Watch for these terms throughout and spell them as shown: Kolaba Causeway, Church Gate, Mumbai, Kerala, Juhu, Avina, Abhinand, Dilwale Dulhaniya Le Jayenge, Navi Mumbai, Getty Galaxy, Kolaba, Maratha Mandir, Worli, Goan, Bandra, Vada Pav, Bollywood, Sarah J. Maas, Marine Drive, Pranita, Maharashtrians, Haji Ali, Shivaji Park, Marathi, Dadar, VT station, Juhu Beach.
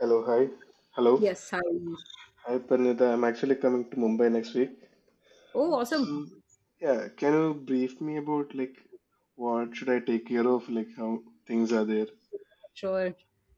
Hello, hi. Hello. Yes, I. Hi, Pranita. I'm actually coming to I- Mumbai next week. Oh, awesome. So, yeah, can you brief me about what should I take care of, like how things are there? Sure.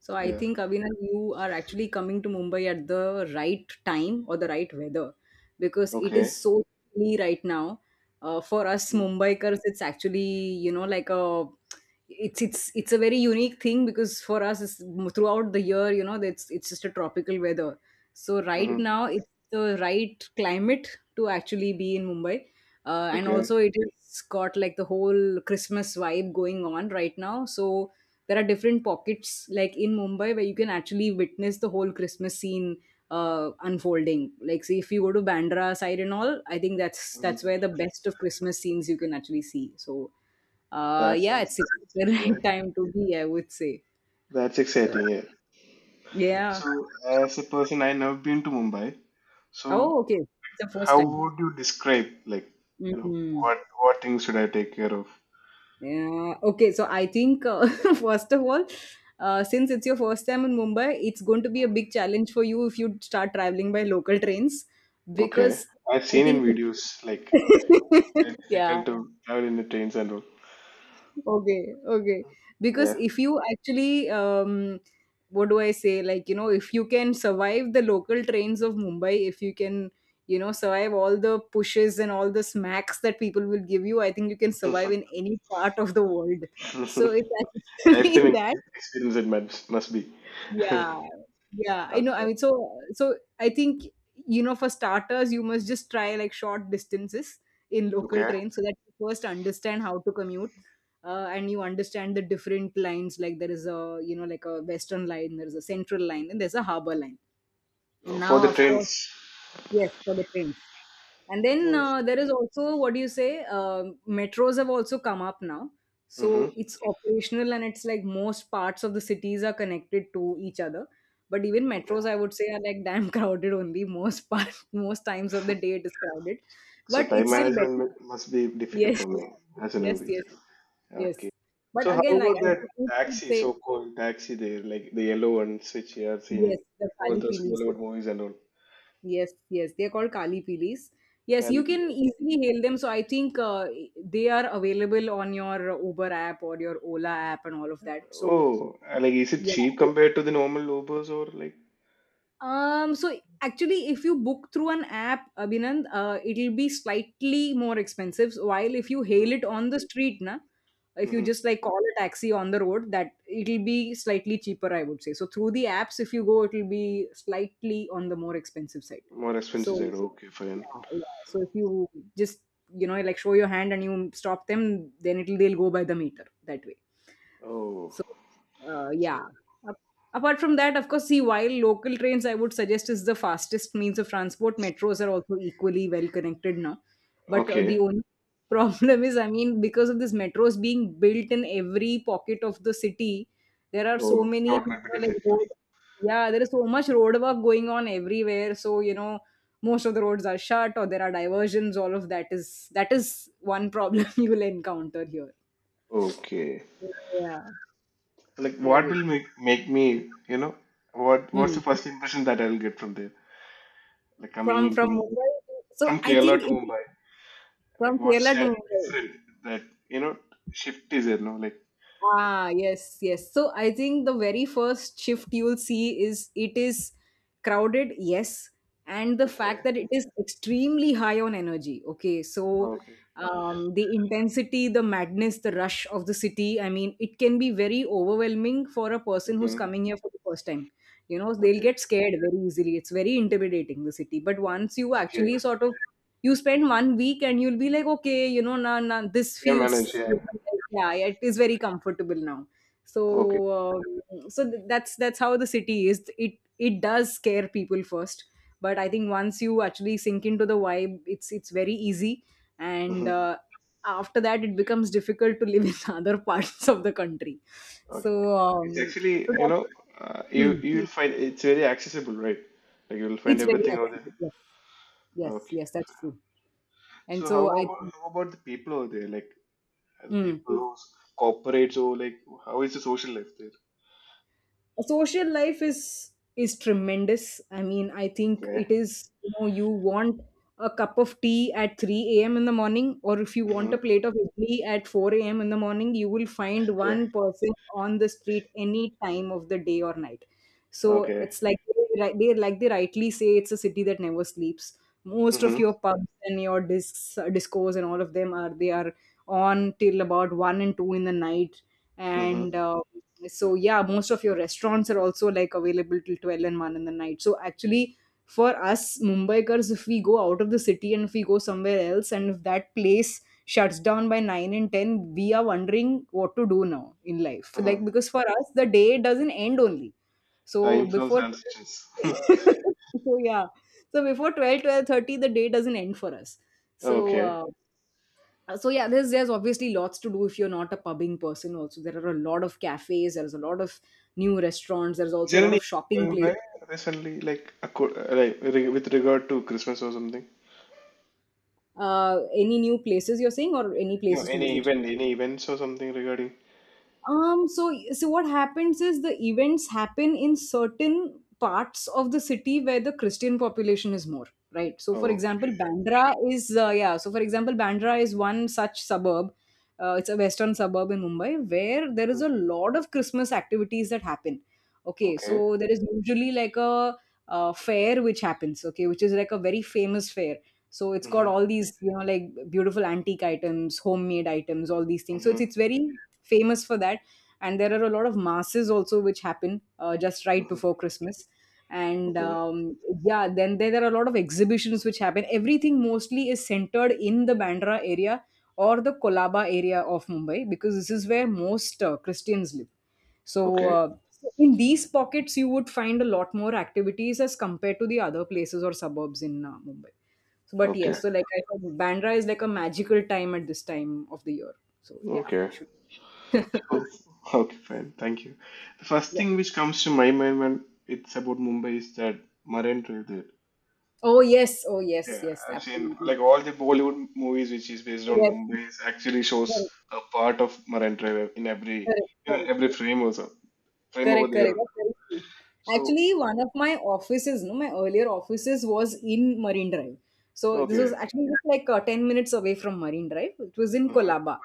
So I Yeah. think Avina, you are actually coming to Mumbai at the right time or the right weather because it is Okay. so chilly right now. For us Mumbaikars, it's actually you know like a it's a very unique thing because for us throughout the year you know it's just a tropical weather. So right Mm-hmm. now it's the right climate to actually be in Mumbai, and also Okay. it is got like the whole Christmas vibe going on right now. So there are different pockets like in Mumbai where you can actually witness the whole Christmas scene unfolding. Like, see, if you go to Bandra side and all, I think that's where Mm-hmm. the best of Christmas scenes you can actually see. So That yeah, sounds it's the exciting. right Yeah. time to be, I would say. That's So exciting. Yeah. yeah. So, as a person, I never been to Mumbai. Oh, So, okay, it's the first how time. would you describe you know Hmm. what things should I take care of? Yeah. Okay. So I think first of all, since it's your first time in Mumbai, it's going to be a big challenge for you if you start traveling by local trains Okay. because I've I seen in think. videos like very Yeah. difficult to travel in the trains and all. Okay. Okay. Because Yeah. if you actually, what do I say? Like, you know, if you can survive the local trains of Mumbai, if you can, you know, survive all the pushes and all the smacks that people will give you, I think you can survive in any part of the world. So it's actually Lifetime that. experience it must be. Yeah, Okay. yeah, I know. I mean, so I think, you know, for starters, you must just try like short distances in local Okay. trains so that you first understand how to commute, and you understand the different lines. Like, there is a you know like a western line, there is a central line, and there's a harbour line. And For now, the of course, trains. yes, for the trains. And then there is also, what do you say? Metros have also come up now, Mm-hmm. so it's operational and it's like most parts of the cities are connected to each other. But even metros, I Okay. would say, are like damn crowded only most part most times of the day it is crowded, So but time it's still management better. Must be difficult Yes, for me as a yes, newbie. yes, yes. Okay. So But how again, like about I that would taxi, say, so-called taxi there, like the yellow ones which you have seen in yes, the all Kali those Pili. Bollywood movies and all. Yes, yes, they're called Kali Pilis. Yes, Carry you can people. easily hail them. So I think they are available on your Uber app or your Ola app and all of that. So Oh, like is it yeah. cheap compared to the normal Ubers or like? So actually, if you book through an app, Abhinand, it'll be slightly more expensive. While if you hail it on the street, na, if you just Mm-hmm. like call a taxi on the road, that it'll be slightly cheaper, I would say. So through the apps, if you go, it'll be slightly on the more expensive side. More expensive So. side. Okay, fine. Yeah, yeah. So if you just, you know, like show your hand and you stop them, then it'll they'll go by the meter that way. Oh, So, yeah. so Ap- Apart from that, of course, see, while local trains I would suggest is the fastest means of transport, metros are also equally well connected now. But the okay. only problem is, I mean, because of this metros being built in every pocket of the city, there are so Oh, many, that you might be know, like difficult. road. Yeah, there is so much road work going on everywhere. So, you know, most of the roads are shut or there are diversions. All of that is one problem you will encounter here. Okay. Yeah, Like, there what we. will make me, what's Hmm. the first impression that I'll get from there? Like coming From into from Mumbai, Mumbai, from so I Kerala think to it is Mumbai. from Like, what's Kerala to that Mumbai. different that you know shift is there? No, like. Ah, yes, yes. So I think the very first shift you'll see is it is crowded, yes, and the fact Okay. that it is extremely high on energy. Okay, so Okay. The intensity, the madness, the rush of the city. I mean, it can be very overwhelming for a person who's Mm-hmm. coming here for the first time. You know, they'll Okay. get scared very easily. It's very intimidating, the city. But once you Okay. actually sort of you spend 1 week and you'll be like, okay, you know, nah, nah, this Can manage. feels, Yeah. yeah, yeah, it is very comfortable now. Okay. So, so that's how the city is. It does scare people first, but I think once you actually sink into the vibe, it's very easy, and Mm-hmm. After that, it becomes difficult to live in other parts of the country. Okay. So, It's actually, so that, hmm, you you'll find it's very accessible, right? Like you'll find it's very everything over there. accessible. Yes, yes, Okay. yes, that's true. And So how so I, about how about the people over there? Like the hmm. people who's corporates or like how is the social life there? Social life is tremendous. I mean, I think Okay. it is, you know, you want a cup of tea at 3 a.m. in the morning, or if you want Mm-hmm. a plate of idli at 4 a.m. in the morning, you will find Okay. one person on the street any time of the day or night. So Okay. it's like like they rightly say, it's a city that never sleeps. Most of Mm-hmm. your pubs and your discs discos and all of them are they are on till about 1 and 2 in the night, and Mm-hmm. So yeah, most of your restaurants are also like available till 12 and 1 in the night. So actually, for us Mumbaikars, if we go out of the city and if we go somewhere else and if that place shuts down by 9 and 10, we are wondering what to do now in life, like, Mm-hmm. because for us the day doesn't end only. So Time zones before and transactions. so yeah, so before 12, 12:30, the day doesn't end for us. So Okay. So yeah, there's obviously lots to do. If you're not a pubbing person also, there are a lot of cafes, there's a lot of new restaurants, there's Is also a there lot any of shopping event places. there recently, like like with regard to Christmas or something? Any new places you're saying, or any No, places to any visit? event, any events or something regarding? So so what happens is the events happen in certain parts of the city where the Christian population is more, right? So for example, Okay. Bandra is yeah. So for example, Bandra is one such suburb. It's a western suburb in Mumbai where there is a lot of Christmas activities that happen. Okay, Okay. so there is usually like a fair which happens. Okay, which is like a very famous fair. So it's got Mm-hmm. all these, you know, like beautiful antique items, homemade items, all these things. So Mm-hmm. it's very famous for that. And there are a lot of masses also which happen just right before Mm-hmm. Christmas, and Okay. Yeah, then there are a lot of exhibitions which happen. Everything mostly is centered in the Bandra area or the Kolaba area of Mumbai because this is where most Christians live. So Okay. uh, so in these pockets you would find a lot more activities as compared to the other places or suburbs in Mumbai. So, but Okay. yes, so like I said, Bandra is like a magical time at this time of the year. So yeah, Okay. should So, so, okay, fine. Thank you. The first yeah. thing which comes to my mind when it's about Mumbai is that Marine Drive there. Oh yes, oh yes, Yeah, yes, I've seen absolutely. like all the Bollywood movies which is based on Yes, Mumbai is actually correct, shows a part of Marine Drive in every correct, you know, correct, every frame also frame over correct, correct. there. That's very true. So, Actually, one of my offices, no, my earlier offices was in Marine Drive. So this was okay. actually just like 10 minutes away from Marine Drive. It was in Uh huh. Colaba.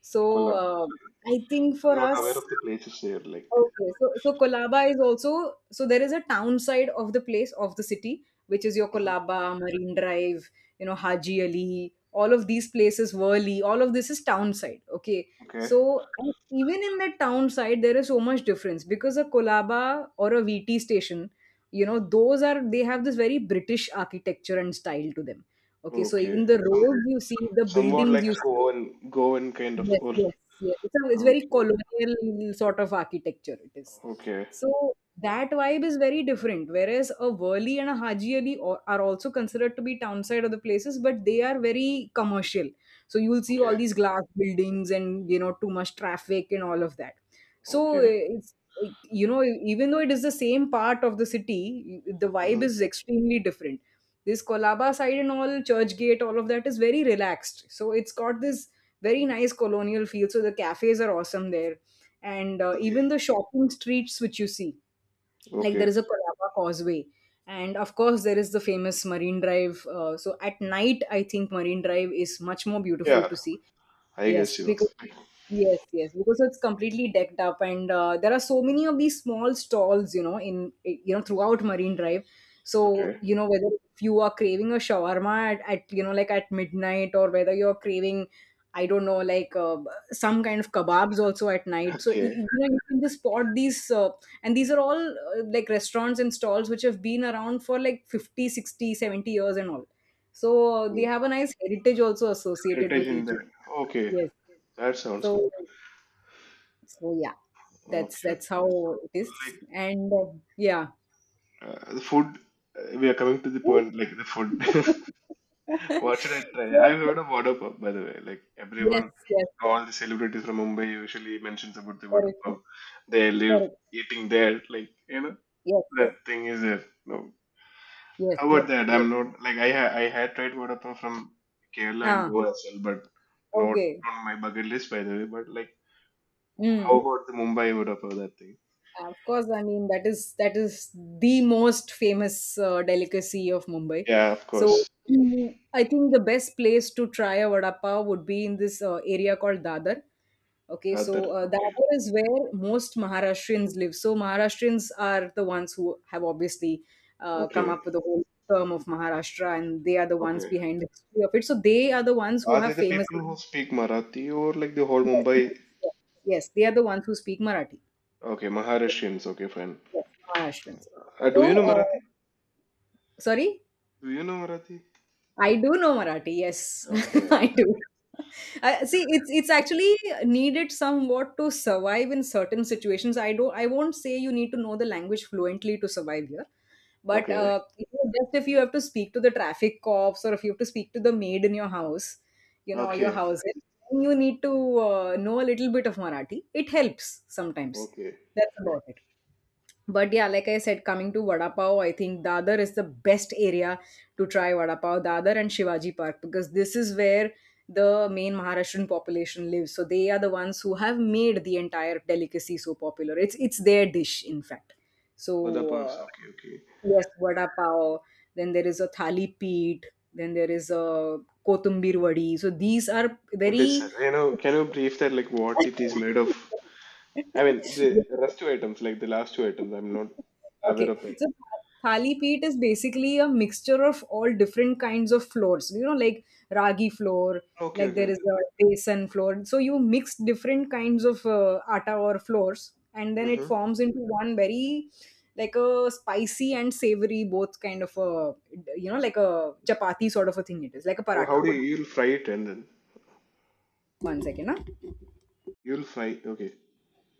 So Kolaba. I think I'm for not aware us, of the places there. Like, okay, so so Kolaba is also so there is a town side of the place of the city, which is your mhm. Kolaba, Marine Drive, you know, Haji Ali, all of these places, Worli, all of this is town side. Okay. Okay, So and even in that town side, there is so much difference because a Kolaba or a VT station, you know, those are they have this very British architecture and style to them. Okay, so even okay. the Some, roads you see, the somewhat buildings like you a see, Goan, Goan kind of yes, or yes, yes. It's a, it's very okay. colonial sort of architecture it is. Okay. So that vibe is very different. Whereas a Worli and a Haji Ali o- are also considered to be town side of the places, but they are very commercial. So you will see all Okay. these glass buildings and you know too much traffic and all of that. So Okay. You know, even though it is the same part of the city, the vibe Hmm. is extremely different. This Kolaba side and all, Church Gate, all of that is very relaxed. So it's got this very nice colonial feel. So the cafes are awesome there. And Okay. even the shopping streets which you see, like there Okay. is a Kolaba Causeway. And of course, there is the famous Marine Drive. So at night, I think Marine Drive is much more beautiful Yeah. to see. I guess Yes, you know. because yes, because it's completely decked up, and there are so many of these small stalls, you know, in eh, you know throughout Marine Drive. So Okay. you know whether if you are craving a shawarma at midnight, or whether you're craving, I don't know, like some kind of kebabs also at night. So Okay. You can just spot these, and these are all like restaurants and stalls which have been around for like 50, 60, 70 years and all. So they Mm. have a nice heritage also associated Heritage with in each. that. Okay. Yes, That sounds good. so so yeah, that's Okay. Okay. that's So, how it is. like, And yeah. uh, the food. We are coming to the point. Like the food. What should I try? So I've heard of Vada Pav, by the way. Like everyone, yes, yes, all the celebrities from Mumbai usually mentions about the Vada correct, Pav. They live correct. eating there. Like you know, Yes, that thing is there. No. yes, How yeah, about that? yes. I'm not like I had tried Vodafone from Kerala and Ah, Goa as well, but not okay. on my bucket list by the way. But like, Mm. how about the Mumbai Vodafone that thing? Of course, I mean that is the most famous delicacy of Mumbai. Yeah, of So course. I think the best place to try a vada pav would be in this area called Dadar. Okay, That so okay, Dadar is where most Maharashtrians live. So Maharashtrians are the ones who have obviously come okay, up with the whole term of Maharashtra, and they are the ones okay. behind the history of it. So they are the ones who Are they have the famous. people who speak Marathi or like the whole Yes, yes, Mumbai? yes, yes, they are the ones who speak Marathi. Okay, Okay, Maharashtrians. Okay, fine. yes, Maharashtrians. Do you know So, uh, Marathi? sorry. Do you know Marathi? I do know Marathi. Yes, Okay, I do. See, it's actually needed somewhat to survive in certain situations. I don't. I won't say you need to know the language fluently to survive here, but okay, just if you have to speak to the traffic cops or if you have to speak to the maid in your house, you know, your okay, house, you need to know a little bit of Marathi. It helps sometimes. okay. That's about it. But yeah, like I said, coming to Vada Pav, I think Dadar is the best area to try Vada Pav, Dadar and Shivaji Park, because this is where the main Maharashtrian population lives. So they are the ones who have made the entire delicacy so popular. It's their dish, in fact. So Vodafone. uh, Okay, okay. yes, Vada Pav. Then there is a Thali Peet. Then there is a Kotumbir Vadi. So these are What is very. that? You know, can you brief that like what it is made of? I mean, Yes, the rest two items, like the last two items, I'm not aware okay. of that. So thali peat is basically a mixture of all different kinds of floors. Like ragi flour, Okay, like there okay. is a besan flour. So you mix different kinds of atta or floors, and then it Mm-hmm. forms into one very like a spicy and savory, both kind of a, like a chapati sort of a thing. It is like a Oh, how paratha. do you, you'll fry it and then One second, huh? you'll fry? Okay.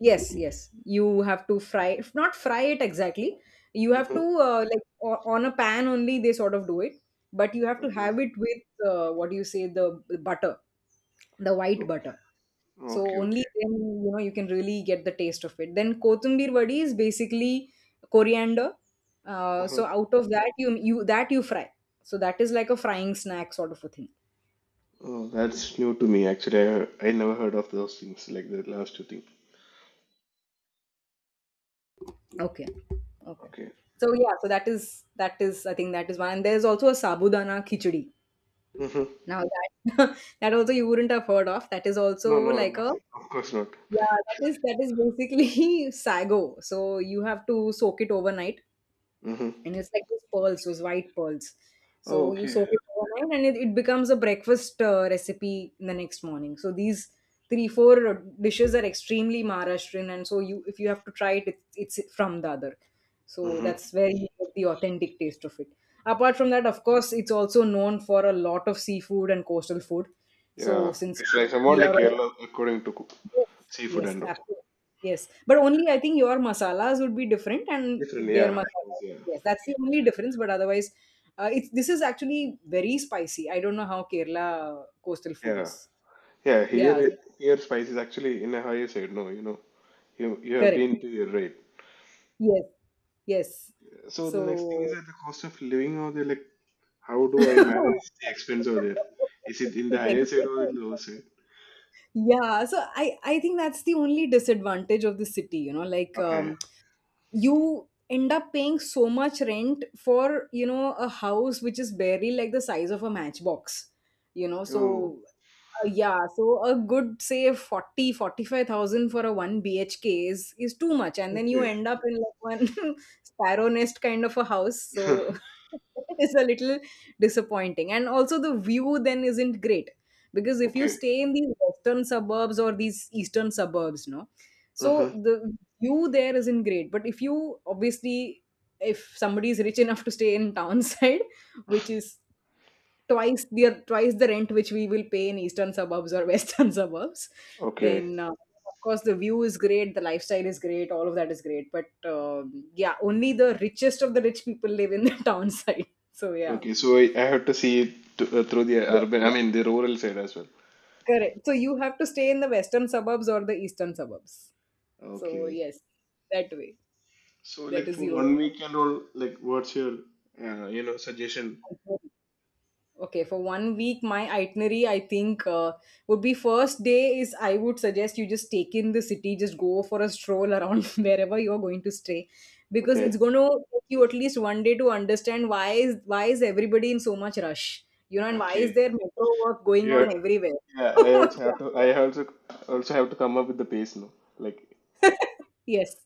Yes, yes. You have to fry, if not fry it exactly. You have to Mm-hmm. Like on a pan only. They sort of do it, but you have to Okay. have it with, what do you say, the butter, the white Oh, butter. So okay. only Okay. then you can really get the taste of it. Then kothambir vadi is basically coriander. Uh, Uh-huh. so out of that you fry. So that is like a frying snack sort of a thing. Oh, that's new to me. Actually, I never heard of those things like the last two things. Okay, okay. Okay. So yeah, so that is I think that is one. And there's also a sabudana khichdi. Mm-hmm. Now that, that also you wouldn't have heard of. That is also No, no, like no, a, of course not. yeah, that is basically sago. So you have to soak it overnight Mm-hmm. and it's like those pearls, those white pearls. Oh, So you okay. soak it overnight, and it becomes a breakfast recipe in the next morning. So these three four dishes are extremely Maharashtrian, and so you, if you have to try it, it's from the other. So Mm-hmm. that's where you get the authentic taste of it. Apart from that, of course, it's also known for a lot of seafood and coastal food. So Yeah, since it's like we somewhat like are. Kerala according to Yes, seafood yes, and all. absolutely. Yes, but only I think your masalas would be different and Different, their yeah, of masala. course, yeah, Yes, that's the only difference. But otherwise, it's this is actually very spicy. I don't know how Kerala coastal food yeah. is. Yeah, here Yeah, here spice is actually in a higher side. No, you know, you have correct. been to your right. Yes, yes. So the next thing is So at the cost of living over there, like how do I it's manage the expense over there? Is it in the expensive. higher side or in the lower side? Yeah, so I think that's the only disadvantage of the city, like Okay. You end up paying so much rent for a house which is barely like the size of a matchbox, Oh, so yeah, so a good say forty five thousand for a 1 BHK is too much, and then you okay. end up in like one sparrow nest kind of a house, so it's a little disappointing. And also the view then isn't great, because if you Okay. stay in these western suburbs or these eastern suburbs, no, so Uh-huh. the view there isn't great. But if you, obviously, if somebody is rich enough to stay in townside, which is twice the rent which we will pay in eastern suburbs or western suburbs, Okay. then of course the view is great, the lifestyle is great, all of that is great. But yeah, only the richest of the rich people live in the town side, so yeah. Okay. So I have to see it to, through the Yeah, urban, I mean the rural side as well. correct, so you have to stay in the western suburbs or the eastern suburbs, so Okay. yes, that way. So That like is for the one only. week and all, like what's your, suggestion? Okay, for one week, my itinerary I think would be, first day is, I would suggest you just take in the city, just go for a stroll around wherever you are going to stay, because it's Okay. going to take you at least one day to understand why is everybody in so much rush, and why is Okay. there metro work going Yeah. on everywhere? Yeah, Yeah. I also also have to come up with the pace now. Like, Yes.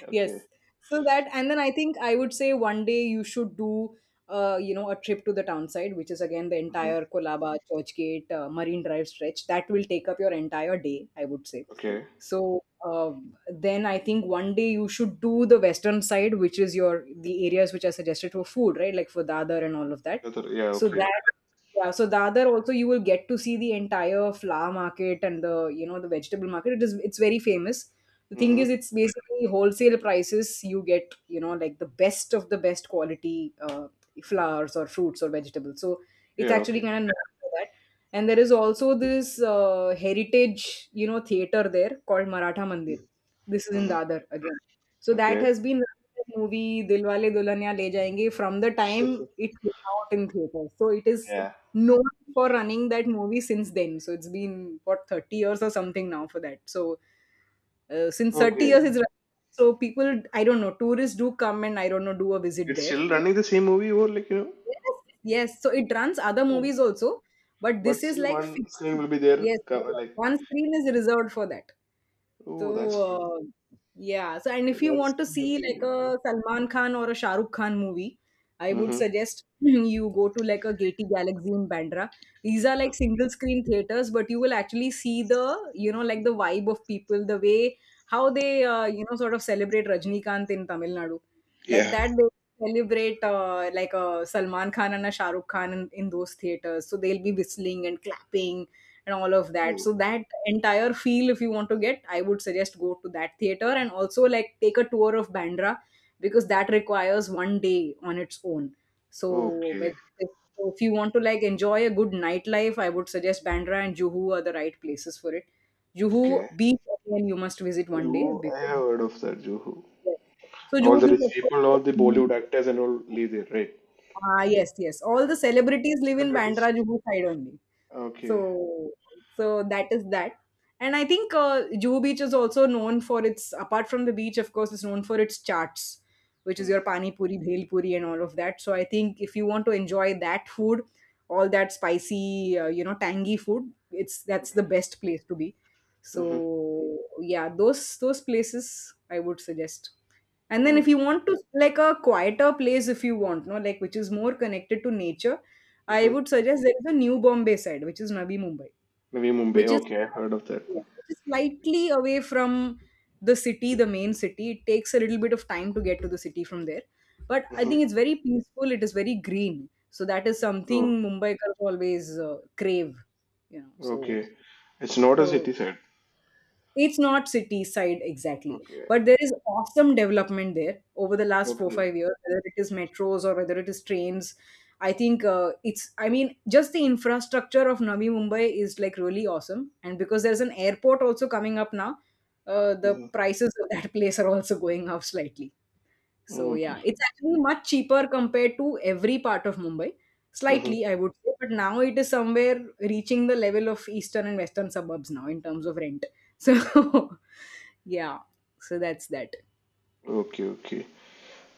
okay, Yes, so that. And then I think I would say one day you should do a trip to the town side, which is again the entire hmm, Kolaba, Churchgate, Marine Drive stretch. That will take up your entire day, I would say. okay, So, then I think one day you should do the western side, which is your the areas which are suggested for food, right, like for Dadar and all of that. that's all, yeah, So okay, that. Yeah, so Dadar also, you will get to see the entire flower market and the, the vegetable market. It's very famous. The thing hmm, is, it's basically wholesale prices you get, like the best of the best quality flowers or fruits or vegetables, so it's yeah, actually okay, kind of. And there is also this heritage, theater there, called Maratha Mandir. This is in hmm, Dadar again. So that okay, has been, the movie Dilwale Dulhaniya Le Jayenge, from the sure, time sure, it came out in theaters. So it is yeah, known for running that movie since then, so it's been, what, 30 years or something now for that. So since 30 okay. years it's running. So people, I don't know, tourists do come and, I don't know, do a visit It's there. still running the same movie, or like you know, Yes, yes. So it runs other oh, movies also, but this but is still like one fixed. screen will be there. Yes, yes. Like, One screen is reserved for that. So oh, that's good. uh, yeah. So, and if you That's want to the new see thing, like you know. a Salman Khan or a Shah Rukh Khan movie, I would Mm-hmm. suggest you go to like a Getty Galaxy in Bandra. These are like single screen theaters, but you will actually see the, like, the vibe of people, the way how they sort of celebrate Rajnikant in Tamil Nadu. Like Yeah. that, celebrate, like, a Salman Khan and a Shah Rukh Khan in those theaters. So they'll be whistling and clapping and all of that. Oh, So that entire feel, if you want to get, I would suggest go to that theater and also like take a tour of Bandra, because that requires one day on its own. So okay, whether it is- so if you want to like enjoy a good nightlife, I would suggest Bandra and Juhu are the right places for it. Juhu okay. Beach, again, you must visit one day, Juhu, I because, have heard of that. Juhu. yes. So All Juhu the Beach, rich of course. people, all the Bollywood actors, and all live there, right? Ah, yes, yes. All the celebrities live in Celebrities. Bandra Juhu side only. Okay. So, so that is that. And I think Juhu Beach is also known for its, apart from the beach, of course, it's known for its chaats, which is Mm. your pani puri, bhel puri, and all of that. So I think if you want to enjoy that food, all that spicy, tangy food, it's that's the best place to be. Mm-hmm. So yeah, those places I would suggest. And then if Oh. you want to, like, a quieter place, if you want, no, like, which is more connected to nature, I Mm-hmm. would suggest there is a New Bombay side, which is Navi Mumbai, Navi Mumbai. which is, Okay, I heard of that. yes, which is slightly away from the city, the main city. It takes a little bit of time to get to the city from there, but I Mm-hmm. think it's very peaceful. It is very green, so that is something Oh. Mumbaikars always crave, you know. So, Okay. It's not a so city set. it's not city side exactly, Okay. but there is awesome development there over the last 4 Okay. 5 years, whether it is metros or whether it is trains. I think it's I mean, just the infrastructure of Navi Mumbai is like really awesome, and because there's an airport also coming up now, the Mm-hmm. prices of that place are also going up slightly. So Okay. yeah, it's actually much cheaper compared to every part of Mumbai, slightly, I Mm-hmm. would say. But now it is somewhere reaching the level of eastern and western suburbs now in terms of rent, so. Yeah, so that's that. Okay. Okay.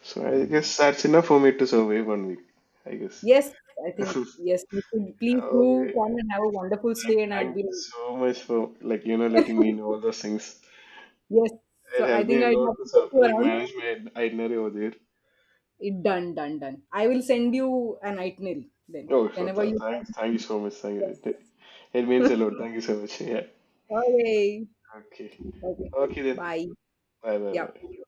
So I guess that's enough for me to survive one week. I guess. Yes, I think, yes, you should please do Okay. come and have a wonderful stay, and I'd Thank be. you so much for like you know letting me know all those things. Yes. So It I helped think me a I'd have lot to to take you like around. manage my itinerary over there. It done, done, done. I will send you an itinerary then. Oh, so Whenever you thanks. come. Thank you so much. Thank you. It Yes. it means a lot. Thank you so much. Yeah. Okay. Okay. Okay. Okay then. Bye. Bye. Yeah.